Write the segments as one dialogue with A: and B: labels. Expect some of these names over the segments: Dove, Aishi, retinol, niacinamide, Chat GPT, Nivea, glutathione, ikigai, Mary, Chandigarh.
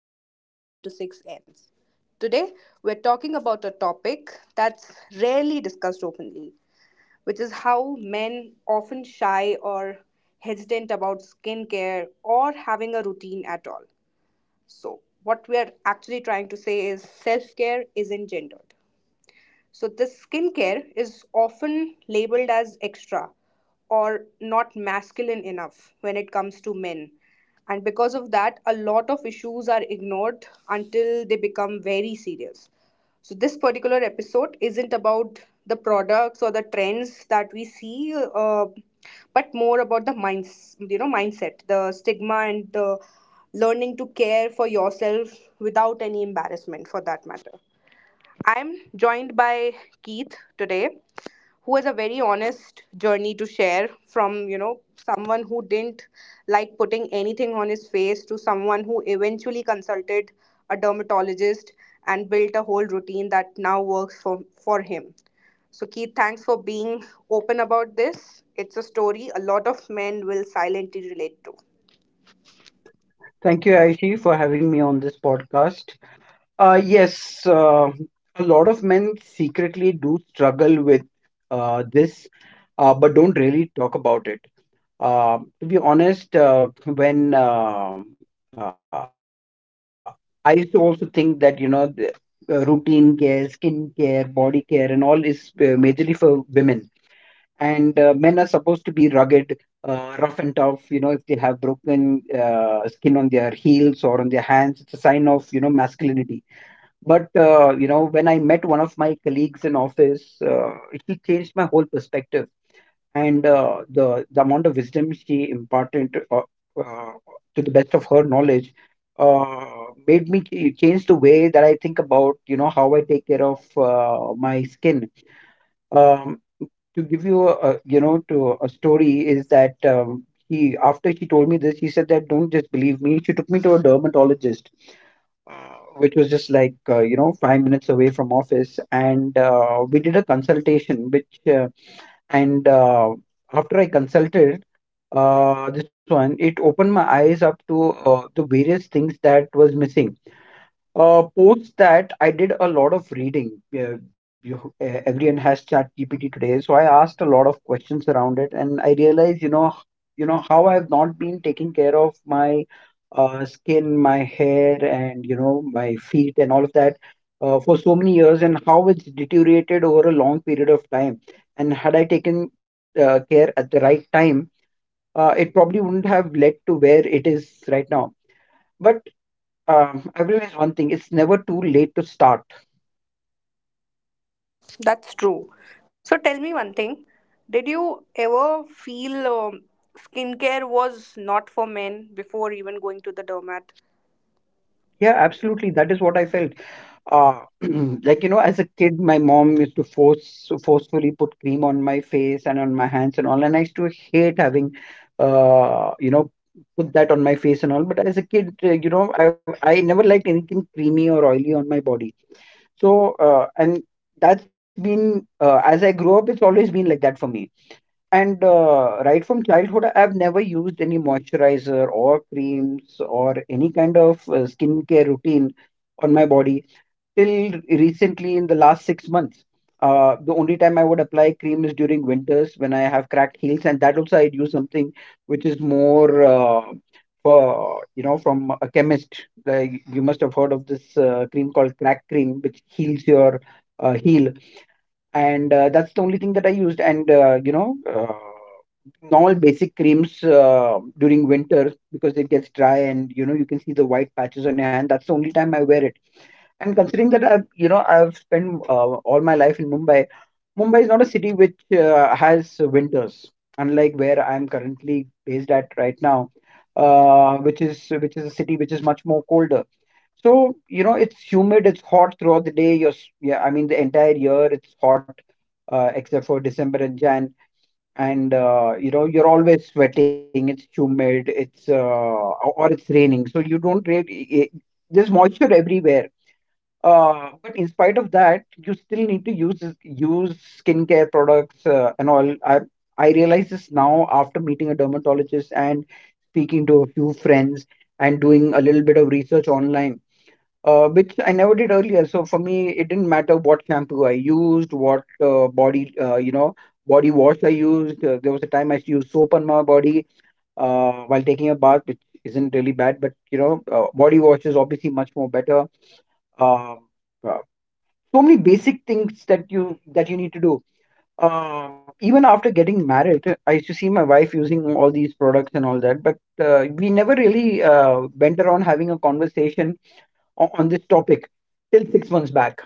A: after the 9 to 6 ends. Today, we're talking about a topic that's rarely discussed openly, which is how men often shy or hesitant about skincare or having a routine at all. So, what we are actually trying to say is self care isn't gendered. So, this skincare is often labeled as extra or not masculine enough when it comes to men. And because of that, a lot of issues are ignored until they become very serious. So, this particular episode isn't about the products or the trends that we see, but more about the minds, mindset, the stigma, and the learning to care for yourself without any embarrassment, for that matter. I'm joined by Keith today, who has a very honest journey to share from, someone who didn't like putting anything on his face to someone who eventually consulted a dermatologist and built a whole routine that now works for him. So, Keith, thanks for being open about this. It's a story a lot of men will silently relate to.
B: Thank you, Aishi, for having me on this podcast. Yes, a lot of men secretly do struggle with this, but don't really talk about it. To be honest, when uh, I used to also think that the routine care, skin care, body care, and all is majorly for women, and men are supposed to be rugged, have broken skin on their heels or on their hands. It's a sign of masculinity, but when I met one of my colleagues in office, he changed my whole perspective, and the amount of wisdom she imparted, uh, to the best of her knowledge, uh, made me change the way that I think about how I take care of my skin. um, to give you you know to a story is that he, after she told me this, he said that don't believe me. She took me to a dermatologist which was just like 5 minutes away from office, and we did a consultation which uh, and after I consulted this one, it opened my eyes up to the various things that was missing. Post that, I did a lot of reading. Yeah, everyone has Chat GPT today, so I asked a lot of questions around it, and I realized, how I've not been taking care of my skin, my hair, and my feet and all of that, for so many years, and how it's deteriorated over a long period of time. And had I taken care at the right time, it probably wouldn't have led to where it is right now. But I've realized one thing: it's never too late to start.
A: That's true. So tell me one thing. Did you ever feel skincare was not for men before even going to the dermat?
B: Yeah, absolutely. That is what I felt. Uh, like, as a kid, my mom used to forcefully put cream on my face and on my hands and all, and I used to hate having, uh, you know, put that on my face and all. But as a kid, I never liked anything creamy or oily on my body. So, and that's been as I grew up, it's always been like that for me. And right from childhood, I've never used any moisturizer or creams or any kind of skincare routine on my body till recently, in the last 6 months. The only time I would apply cream is during winters when I have cracked heels, and that also I'd use something which is more for you know from a chemist. Like, you must have heard of this cream called crack cream, which heals your heel, and that's the only thing that I used. And normal basic creams during winter, because it gets dry, and you can see the white patches on your hand. That's the only time I wear it. And considering that I've you know I've spent all my life in Mumbai, Mumbai is not a city which has winters, unlike where I'm currently based at right now, which is a city which is much more colder. It's humid, it's hot throughout the day. Yeah, I mean, the entire year it's hot, except for December and Jan. And, you're always sweating, it's humid, it's, or it's raining. So you don't really, there's moisture everywhere. But in spite of that, you still need to use skincare products and all. I realize this now after meeting a dermatologist and speaking to a few friends and doing a little bit of research online, which I never did earlier. So, for me, it didn't matter what shampoo I used, what body wash I used. There was a time I used soap on my body while taking a bath, which isn't really bad, but body wash is obviously much more better. Um uh, so many basic things that you need to do. Even after getting married, I used to see my wife using all these products and all that, but we never really went around having a conversation on this topic till 6 months back.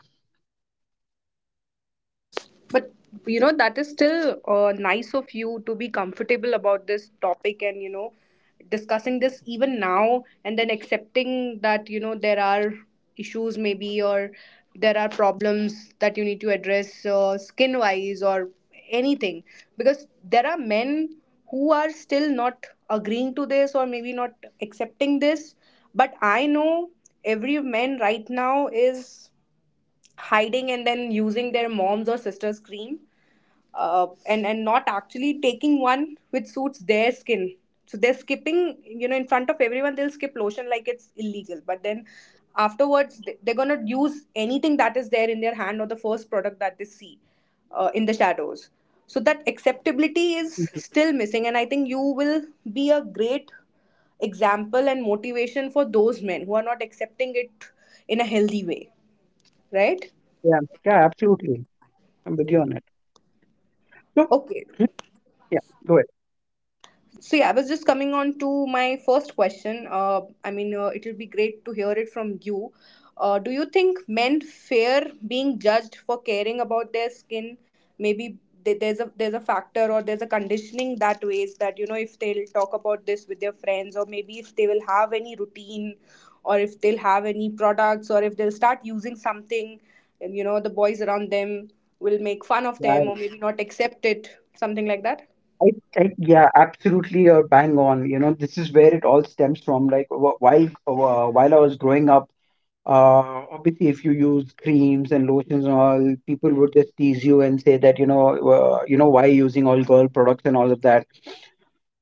A: But you know, that is still nice of you to be comfortable about this topic and you know, discussing this even now and then accepting that you know there are issues maybe or there are problems that you need to address skin wise or anything because there are men who are still not agreeing to this or maybe not accepting this but I know every man right now is hiding and then using their mom's or sister's cream and not actually taking one which suits their skin so they're skipping you know in front of everyone they'll skip lotion like it's illegal but then afterwards they're gonna use anything that is there in their hand or the first product that they see in the shadows so that acceptability is
B: Mhm.
A: still missing and I think you will be a great example and motivation for those men who are not accepting it in a healthy way right
B: Yeah, yeah, absolutely. I'm with you on it. So.
A: okay.
B: Hmm? Yeah, go ahead.
A: So yeah, I was just coming on to my first question. It'll be great to hear it from you. Do you think men fear being judged for caring about their skin? Maybe there's a factor or there's a conditioning that ways that you know if they'll talk about this with their friends or maybe if they will have any routine or if they'll have any products or if they'll start using something, and you know the boys around them will make fun of
B: Yeah,
A: them
B: yeah.
A: or maybe not accept it, something like that.
B: I, yeah, absolutely, you're bang on. This is where it all stems from. Like, while I was growing up, obviously, if you use creams and lotions and all, people would just tease you and say that why are you using all girl products and all of that.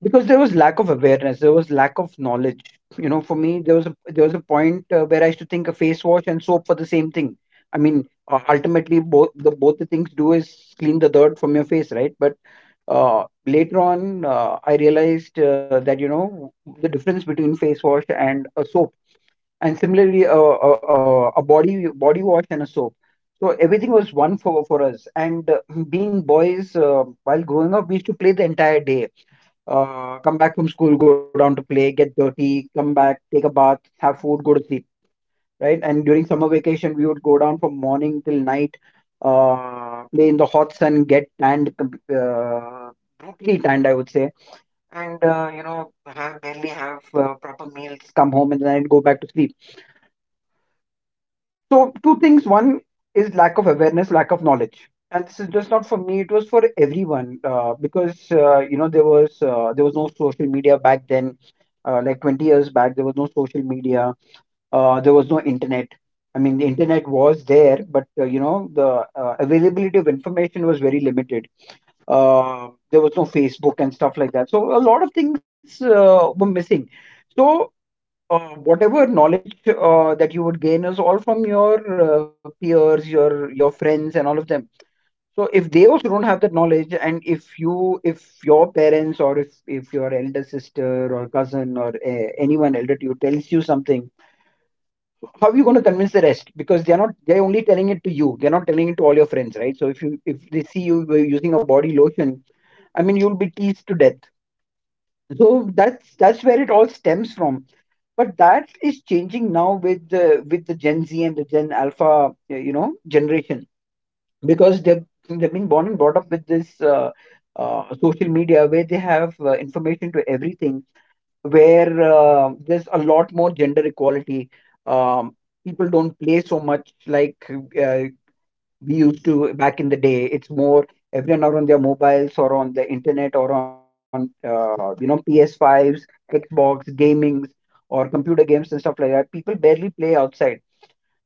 B: Because there was lack of awareness, there was lack of knowledge. For me, there was a point where I used to think a face wash and soap for the same thing. I mean, ultimately, both the things do is clean the dirt from your face, right? But later on, I realized that the difference between face wash and a soap, and similarly a body wash and a soap. So everything was one for us. And being boys, while growing up, we used to play the entire day, come back from school, go down to play, get dirty, come back, take a bath, have food, go to sleep, right? And during summer vacation, we would go down from morning till night, play in the hot sun, get tanned, brutally tanned, I would say, and have barely have proper meals, come home and then go back to sleep. So, two things. One is lack of awareness, lack of knowledge. And this is just not for me, it was for everyone, because there was no social media back then. Like, 20 years back, there was no social media. There was no internet. I mean, the internet was there, but the availability of information was very limited. There was no Facebook and stuff like that. So a lot of things were missing. So whatever knowledge that you would gain is all from your peers, your friends and all of them. So if they also don't have that knowledge, and if your parents or if your elder sister or cousin or anyone elder to you tells you something, how are you going to convince the rest? Because they're not, they're only telling it to you, they're not telling it to all your friends, right? So if you if they see you using a body lotion, I mean, you'll be teased to death. So that's where it all stems from, but that is changing now with the Gen Z and the Gen Alpha you know generation, because they've been born and brought up with this social media, where they have information to everything, where there's a lot more gender equality. um, People don't play so much like uh, we used to back in the day. It's more everyone are on their mobiles or on the internet or on PS5s, Xbox, gamings, or computer games and stuff like that. People barely play outside.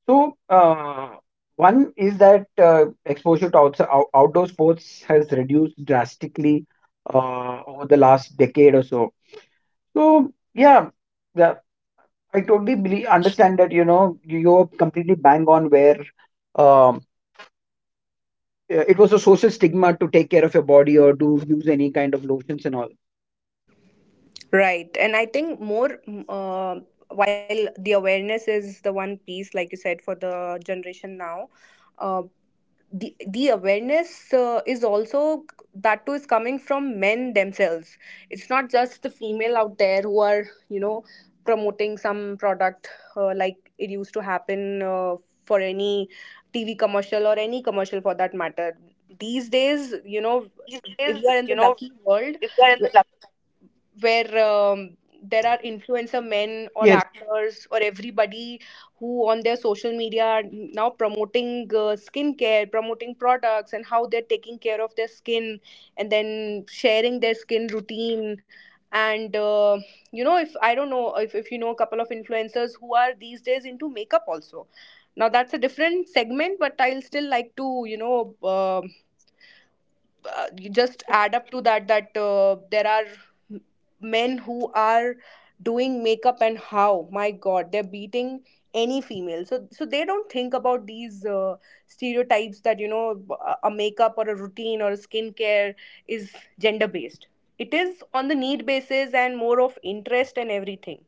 B: So one is that exposure to outdoor sports has reduced drastically over the last decade or so. So, yeah, yeah, I totally believe, understand that you completely bang on, where uh, it was a social stigma to take care of your body or to use any kind of lotions and all.
A: Right. And I think more, while the awareness is the one piece, like you said, for the generation now, uh, the awareness is also that too is coming from men themselves. It's not just the female out there who are, you know, promoting some product like it used to happen for any TV commercial or any commercial for that matter. These days, you know, if we are in the lucky world, where there are influencer men or actors or everybody who on their social media are now promoting skincare, promoting products, and how they're taking care of their skin, and then sharing their skin routine. And you know, if I don't know if you know a couple of influencers who are these days into makeup also. Now that's a different segment, but I'll still like to you know. You just add up to that that there are m- men who are doing makeup and how my god they're beating any female so so they don't think about these stereotypes that you know a makeup or a routine or a skincare is gender based it is on the need basis and more of interest and everything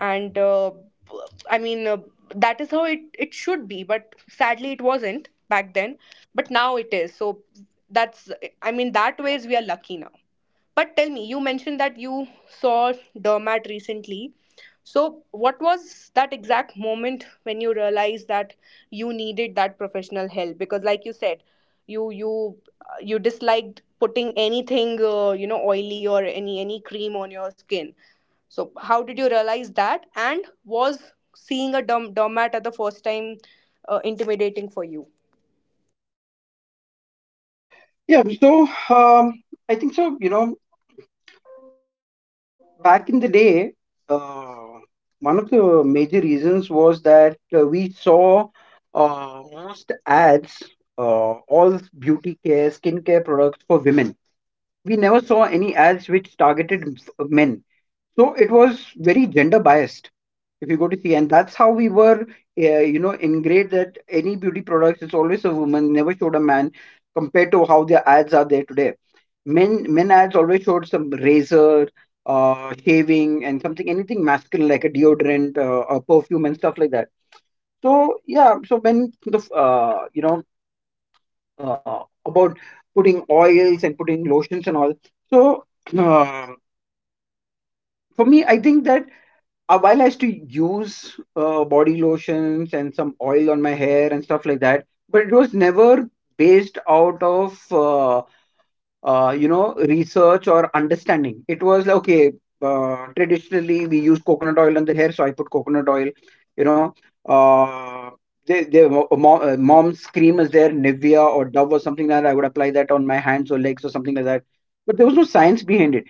A: and i mean uh, that is how it it should be but sadly it wasn't back then but now it is so that's I mean that ways we are lucky now but tell me you mentioned that you saw Dermat recently so what was that exact moment when you realized that you needed that professional help because like you said you you disliked putting anything you know oily or any cream on your skin so, how did you realize that? And was seeing a doormat at the first time intimidating for you?
B: Yeah, so I think so. Back in the day, uh, one of the major reasons was that we saw most ads, uh, all beauty care, skincare products for women. We never saw any ads which targeted men. So it was very gender biased, if you go to see. And that's how we were, ingrained that any beauty products is always a woman, never showed a man, compared to how their ads are there today. Men has always showed some razor, shaving, and something anything masculine like a deodorant, a perfume, and stuff like that. So yeah, so when the f- you know about putting oils and putting lotions and all. So uh, for me, I think that while I used to use body lotions and some oil on my hair and stuff like that, but it was never based out of. Research or understanding. It was like, okay, traditionally we use coconut oil on the hair, so I put coconut oil. You know, uh, Mom's cream is there, Nivea or Dove or something like that. I would apply that on my hands or legs or something like that. But there was no science behind it.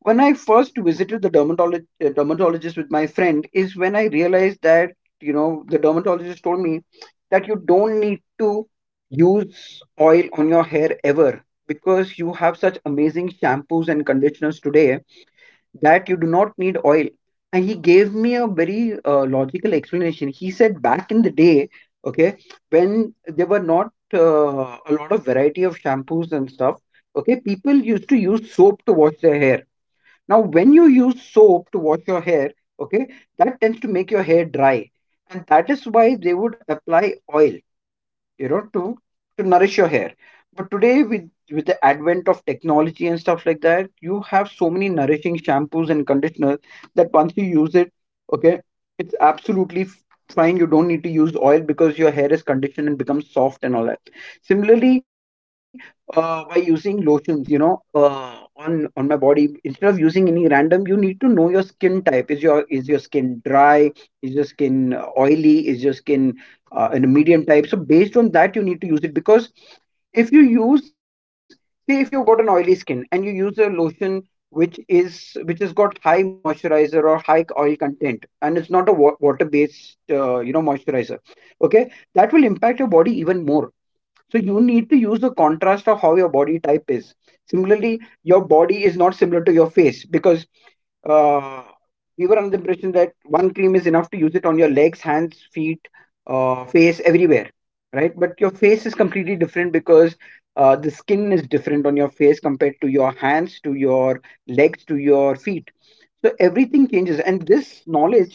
B: When I first visited the dermatologist with my friend is when I realized that, the dermatologist told me that you don't need to use oil on your hair ever, because you have such amazing shampoos and conditioners today that you do not need oil. And he gave me a very logical explanation. He said, back in the day, okay, when there were not a lot of variety of shampoos and stuff, okay, people used to use soap to wash their hair. Now, when you use soap to wash your hair, okay, that tends to make your hair dry. And that is why they would apply oil, you know to to nourish your hair. But today, with the advent of technology and stuff like that, you have so many nourishing shampoos and conditioners that once you use it, okay, it's absolutely fine. You don't need to use oil because your hair is conditioned and becomes soft and all that. Similarly, by using lotions, on my body, instead of using any random, you need to know your skin type. Is your skin dry? Is your skin oily? Is your skin in a medium type? So based on that, you need to use it. Because if you use, say if you've got an oily skin and you use a lotion which has got high moisturizer or high oil content, and it's not a water based moisturizer, okay, that will impact your body even more. So you need to use the contrast of how your body type is. Similarly, your body is not similar to your face, because uh, we were under the impression one cream is enough to use it on your legs, hands, feet, face, everywhere, right? But your face is completely different, because the skin is different on your face compared to your hands, to your legs, to your feet. So changes, and this knowledge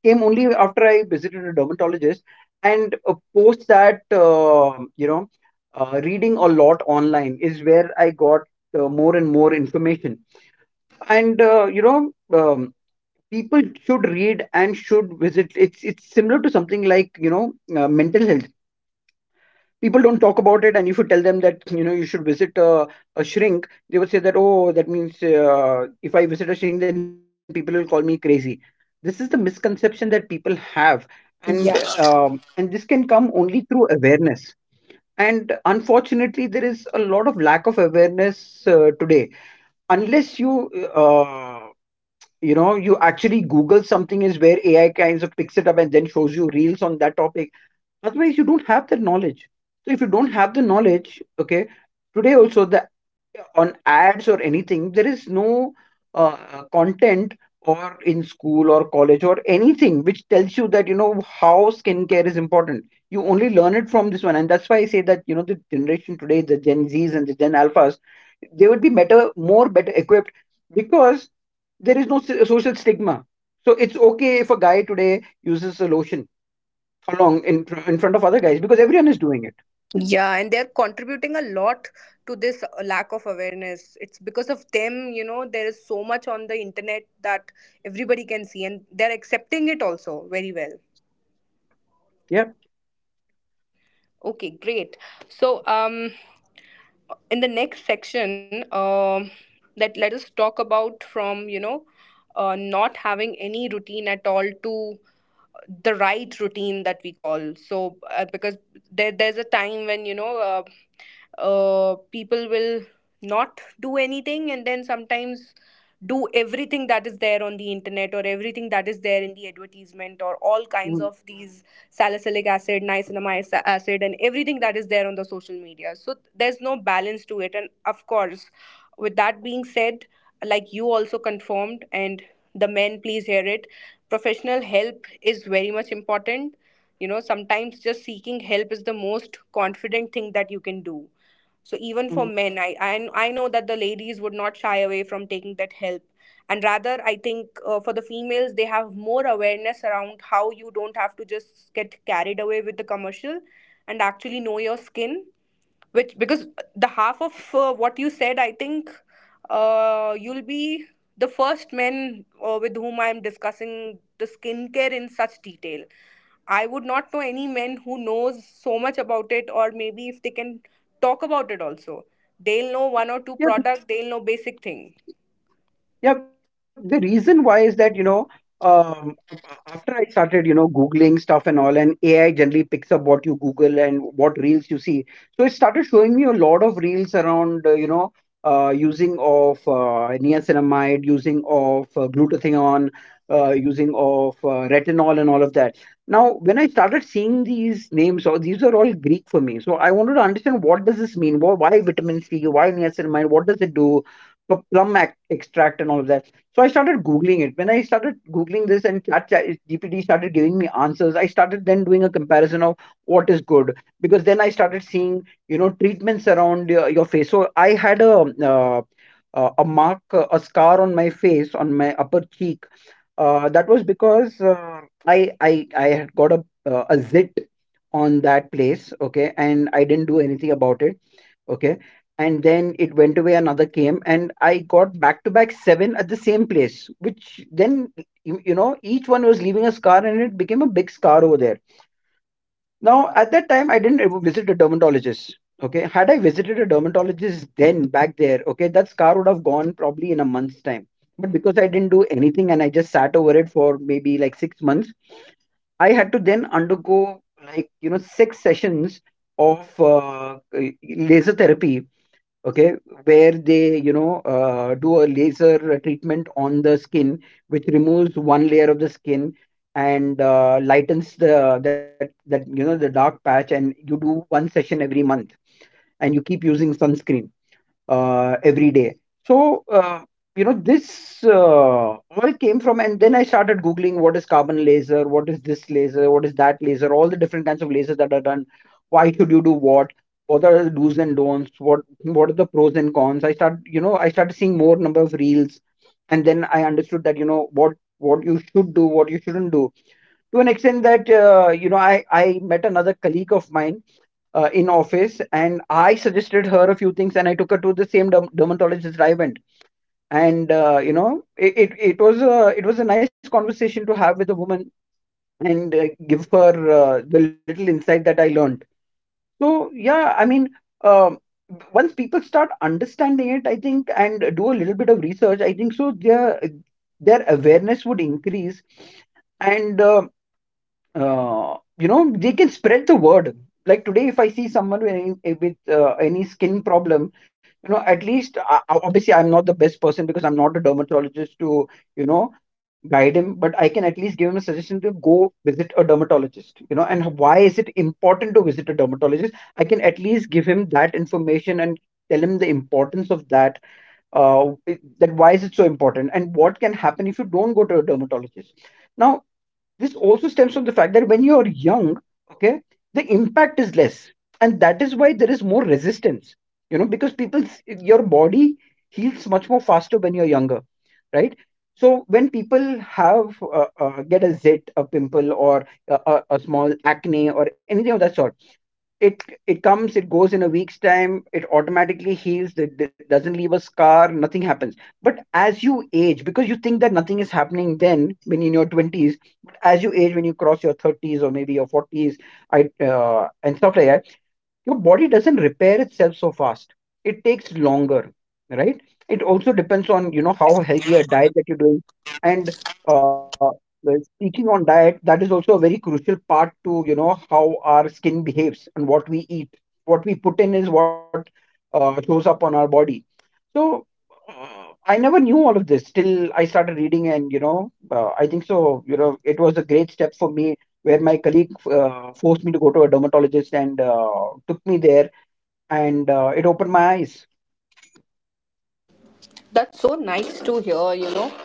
B: came only after I visited a dermatologist. And post that, reading a lot online is where I got more and more information. And people should read and should visit. It's similar to something like mental health. People don't talk about it, and if you tell them that you should visit a shrink, they would say that, oh, that means if I visit a shrink then people will call me crazy. This is the misconception that people have,
A: Yeah,
B: and this can come only through awareness. And unfortunately there is a lot of lack of awareness today, unless you uh, you know you actually Google something, is where AI kinds of picks it up and then shows you reels that topic. Otherwise, you don't have the knowledge. So if you don't have the knowledge, okay, today also, the on ads or anything, there is no uh, content or in school or college or anything which tells you that, how skincare is important. You only learn it from this one. And that's why I say that, the generation today, the Gen Z's and the Gen, they would be better, more better equipped, because there is no social stigma. So it's okay if a guy today uses a lotion along in front of other guys, because everyone is doing it.
A: yeah, and they're contributing a lot to this lack of awareness. It's because of them, you know, there is so much on the internet that everybody can see, and they're accepting it also very well.
B: Yeah.
A: Okay, great. So, in the next section, that let us talk about from you know, not having any routine at all to the right routine that we call. So, because there's a time when you know, people will not do anything and then sometimes do everything that is there on the internet or everything that is there in the advertisement or all kinds of
B: Mhm.
A: these salicylic acid, niacinamide acid, and everything that is there on the social media. So there's no balance to it. And of course, with that being said, like you also confirmed, and the men, please hear it. Professional help is very much important. You know, sometimes just seeking help is the most confident thing that you can do so even for men I, I
B: Mhm.
A: i know that the ladies would not shy away from taking that help and rather I think for the females they have more awareness around how you don't have to just get carried away with the commercial and actually know your skin which because the half of what you said I think you'll be the first men with whom I'm discussing the skincare in such detail I would not know any men who knows so much about it or maybe if they can talk about it also they'll know one or two product
B: Yeah.
A: they'll know basic thing.
B: Yeah, the reason why is that, um, after started, Googling stuff and all, and AI generally picks up what you Google and what reels you see. So it started showing me a lot of reels around, using of niacinamide, using of glutathione, using of retinol, and all of that. Now, when I started seeing these names, so these are all Greek for me. So I wanted to understand, what does this mean? Why vitamin C? Why niacinamide? What does it do? Plum extract and all of that. So I started Googling it. When I started Googling this and GPT started giving me answers, I started then doing a comparison of what is good, because then I started seeing, treatments around your face. So I had uh, a scar on my face, on my upper cheek. That was because I had got a zit on that place. Okay, and I didn't do anything about it. Okay. And then it went away, another came, and I got back to back seven at the same place, which then, each one was leaving a scar, and it became a big scar over there. Now, at that time, I didn't ever visit a dermatologist. Okay. Had I visited a dermatologist then back there, okay, that scar would have gone probably in a month's time. But because I didn't do anything and I just sat over it for maybe like 6 months, I had to then undergo, like, six sessions of laser therapy, okay, where they do a laser treatment on the skin which removes one layer of the skin and lightens the that that you know the dark patch, and you do one session every month and you keep using sunscreen every day. So, this all came from, and then I started Googling, what is carbon laser, what is this laser, what is that laser, all the different kinds of lasers that are done. Why should you do what? What are the do's and don'ts? What are the pros and cons? I started seeing more number of reels, and then I understood that, what you should do, what you shouldn't do, to an extent that, I met another colleague of mine in office, and I suggested her a few things, and I took her to the same dermatologist that I went. And it was a nice conversation to have with a woman, and give her the little insight that I learned. So yeah, I mean, um, once people start understanding it, I think, and do a little bit of research, I think so, their awareness would increase, and they can spread the word. Like today, if I see someone with any skin problem, at least, obviously I'm not the best person, because I'm not a dermatologist to, you know guide him, but I can at least give him a suggestion to go visit a dermatologist. And why is it important to visit a dermatologist, I can at least give him that information and tell him the importance of that, that why is it so important, and what can happen if you don't go to a dermatologist. Now this also stems from the fact that when you're young, okay, the impact is less, and that is why there is more resistance, because people's, your body heals much more faster when you're younger, right? So when people have get a zit, a pimple, or a small acne or anything of that sort, it comes, it goes in a week's time, it automatically heals, it doesn't leave a scar, nothing happens. But as you age, because you think that nothing is happening then, when in your 20s, but as you age, when you cross your 30s or maybe your 40s, I and stuff like that, your body doesn't repair itself so fast. It takes longer, right? It also depends on, how healthy a diet that you're doing. And uh, well, speaking on diet, that is also a very crucial part, to know how our skin behaves, and what we eat, what we put in, is what shows up on our body. So I never knew all of this till I started reading. And I think so. It was a great step for me, colleague forced me to go to a dermatologist and took me there, and it opened my eyes.
A: That's so nice to hear, you know.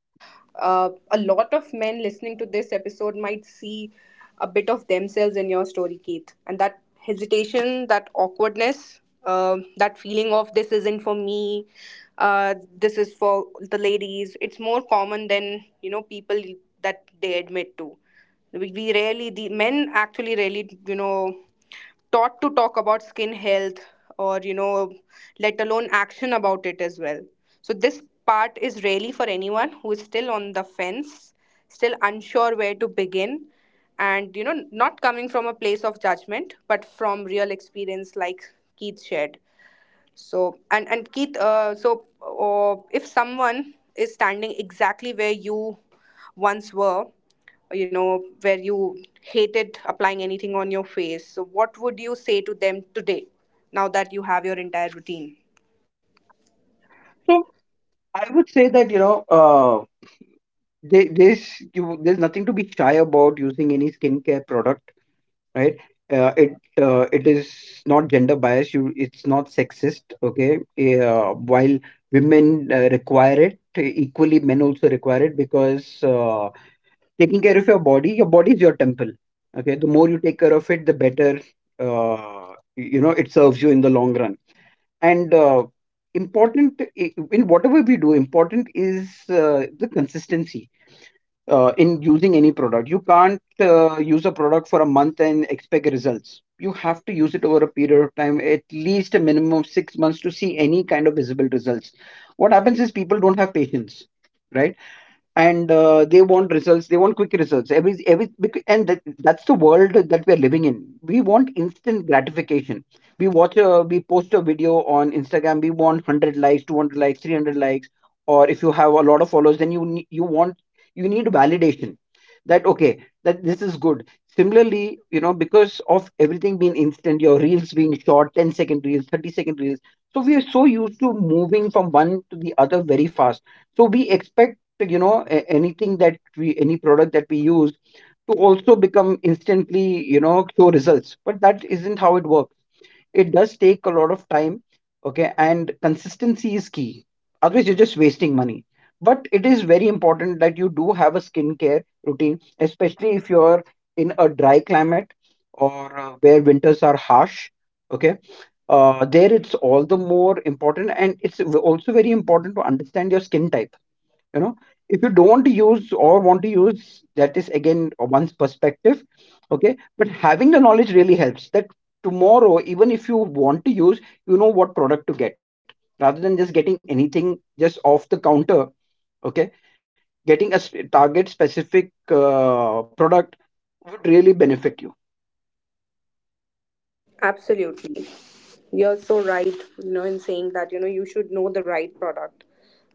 A: A lot of men listening to this episode might see a bit of themselves in your story, Keith. And that hesitation, that awkwardness, that feeling of this isn't for me, this is for the ladies, it's more common than, you know, people that they admit to. We rarely, the men actually rarely, you know, taught to talk about skin health or you know let alone action about it as well so this part is really for anyone who is still on the fence still unsure where to begin and you know not coming from a place of judgment but from real experience like Keith shared so and Keith, if someone is standing exactly where you once were, you know, where you hated applying anything on your face, so what would you say to them today, now that you have your entire routine?
B: So I would say that there, there's there's nothing to be shy about using any skincare product, right? Uh, it it is not gender biased. It's not sexist. Okay, while women require it equally, men also require it, because taking care of your body is your temple. Okay, the more you take care of it, the better. Uh, it serves you in the long run. And important important is the consistency in using any product. You can't use a product for a month and expect results. You have to use it over a period of time, at least a minimum of 6 months to see any kind of visible results. What happens is people don't have patience, right? And they want results, they want quick results, every bec- and that, that's the world that we are living in. We want instant gratification. We post a video on Instagram, we want 100 likes, 200 likes, 300 likes. Or if you have a lot of followers, then you want, you need validation that, okay, that this is good. Similarly, you know, because of everything being instant, your reels being short, ten second reels, 30-second reels, so we are so used to moving from one to the other very fast, so we expect, you know, any product that we use to also become instantly, you know, show results. But that isn't how it works. It does take a lot of time, okay, and consistency is key. Otherwise you're just wasting money. But it is very important that you do have a skincare routine, especially if you're in a dry climate or where winters are harsh. Okay, there it's all the more important. And it's also very important to understand your skin type, you know. If you don't use or want to use, that is again one's perspective, okay, but having the knowledge really helps, that tomorrow, even if you want to use, you know what product to get rather than just getting anything just off the counter. Okay, getting a target specific product would really benefit you.
A: Absolutely. You're so right, you know, in saying that, you know, you should know the right product.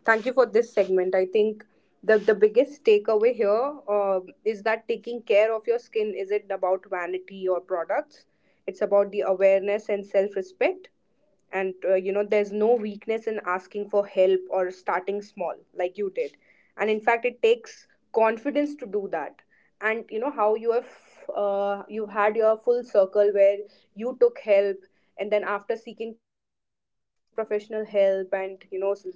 A: Thank you for this segment. I think the biggest takeaway here is that taking care of your skin isn't about vanity or products. It's about the awareness and self-respect and you know there's no weakness in asking for help or starting small like you did and in fact it takes confidence to do that and you know how you have you've had your full circle where you took help and then after seeking professional help and you know s-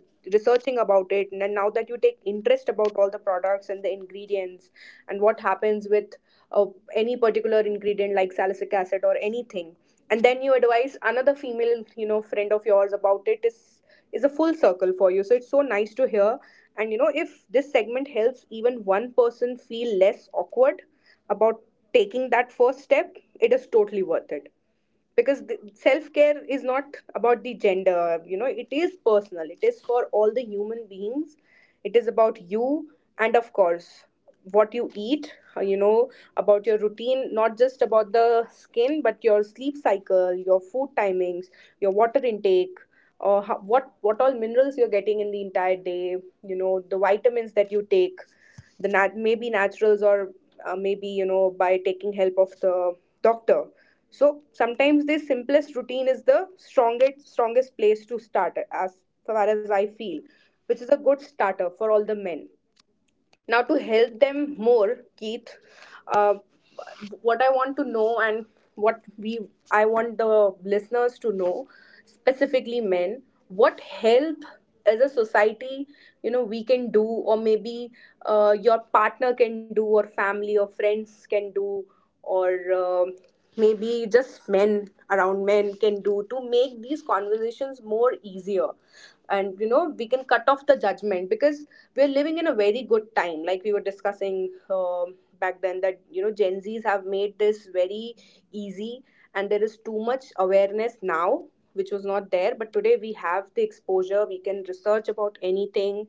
A: researching about it and then now that you take interest about all the products and the ingredients and what happens with uh, any particular ingredient like salicylic acid or anything and then you advise another female you know friend of yours about it is a full circle for you so it's so nice to hear and you know if this segment helps even one person feel less awkward about taking that first step it is totally worth it because the self-care is not about the gender you know it is personal it is for all the human beings it is about you and of course what you eat you know about your routine not just about the skin but your sleep cycle your food timings your water intake or how, what all minerals you're getting in the entire day you know the vitamins that you take the maybe naturals or maybe you know by taking help of the doctor so sometimes the simplest routine is the strongest place to start as far as I feel, which is a good starter for all the men. Now, to help them more, Keith, uh, what I want to know and what we I want the listeners to know, specifically men, what help as a society, you know, we can do, or maybe your partner can do, or family or friends can do, or maybe just men around men can do to make these conversations more easier and you know we can cut off the judgment because we're living in a very good time like we were discussing back then that you know gen z's have made this very easy and there is too much awareness now which was not there but today we have the exposure we can research about anything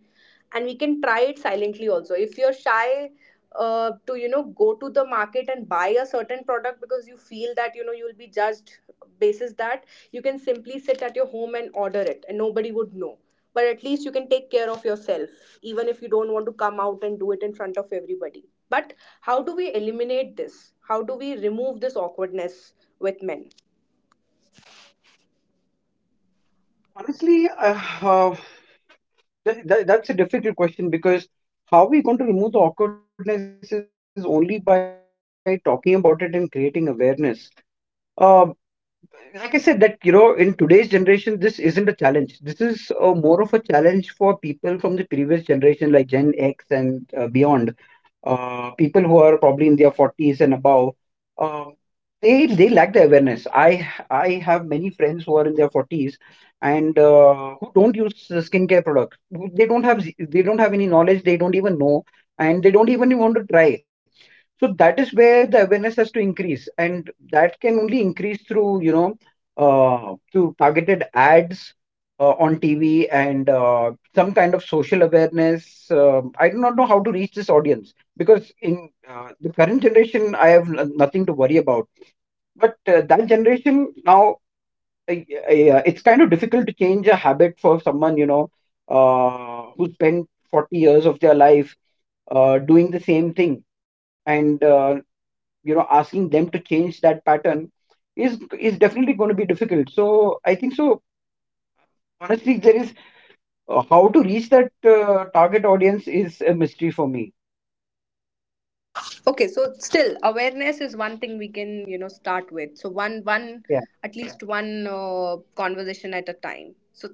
A: and we can try it silently also if you're shy to you know go to the market and buy a certain product because you feel that you know you'll be judged basis that you can simply sit at your home and order it and nobody would know but at least you can take care of yourself even if you don't want to come out and do it in front of everybody but how do we eliminate this how do we remove this awkwardness with men.
B: Honestly, uh, that's a difficult question, because how are we going to remove the awkwardness is only by talking about it and creating awareness. Uh, like I said, that you know, in today's generation, this isn't a challenge. This is more of a challenge for people from the previous generation, like Gen X and beyond. People who are probably in their forties and above, uh, they lack the awareness. I have many friends who are in their forties and who don't use the skincare products. They don't have they don't have any knowledge. They don't even know, and they don't even want to try. So that is where the awareness has to increase, and that can only increase through through targeted ads on TV and some kind of social awareness. I do not know how to reach this audience, because in the current generation, I have nothing to worry about. But that generation now, it's kind of difficult to change a habit for someone, you know, who spent 40 years of their life doing the same thing, and you know, asking them to change that pattern is definitely going to be difficult. So I think so, honestly, there is how to reach that target audience is a mystery for me.
A: Okay, so still awareness is one thing we can, you know, start with. So one
B: Yeah.
A: at least one conversation at a time. So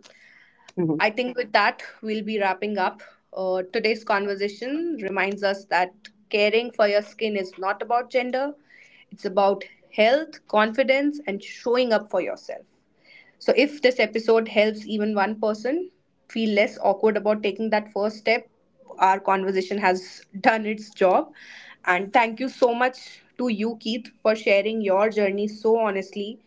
A: I
B: Mhm.
A: think with that we'll be wrapping up. Today's conversation reminds us that caring for your skin is not about gender. It's about health, confidence and showing up for yourself. So, if this episode helps even one person feel less awkward about taking that first step, our conversation has done its job. And thank you so much to you, Keith, for sharing your journey so honestly.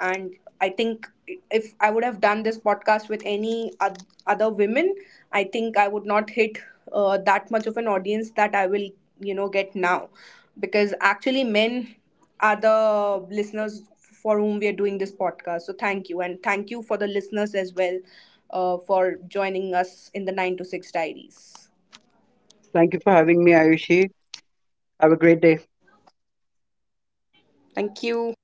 A: And I think if I would have done this podcast with any other women, I think I would not hit that much of an audience that I will, you know, get now. Because actually, men are the listeners for whom we are doing this podcast. So thank you. And thank you for the listeners as well for joining us in the 9 to 6 Diaries.
B: Thank you for having me, Ayushi. Have a great day.
A: Thank you.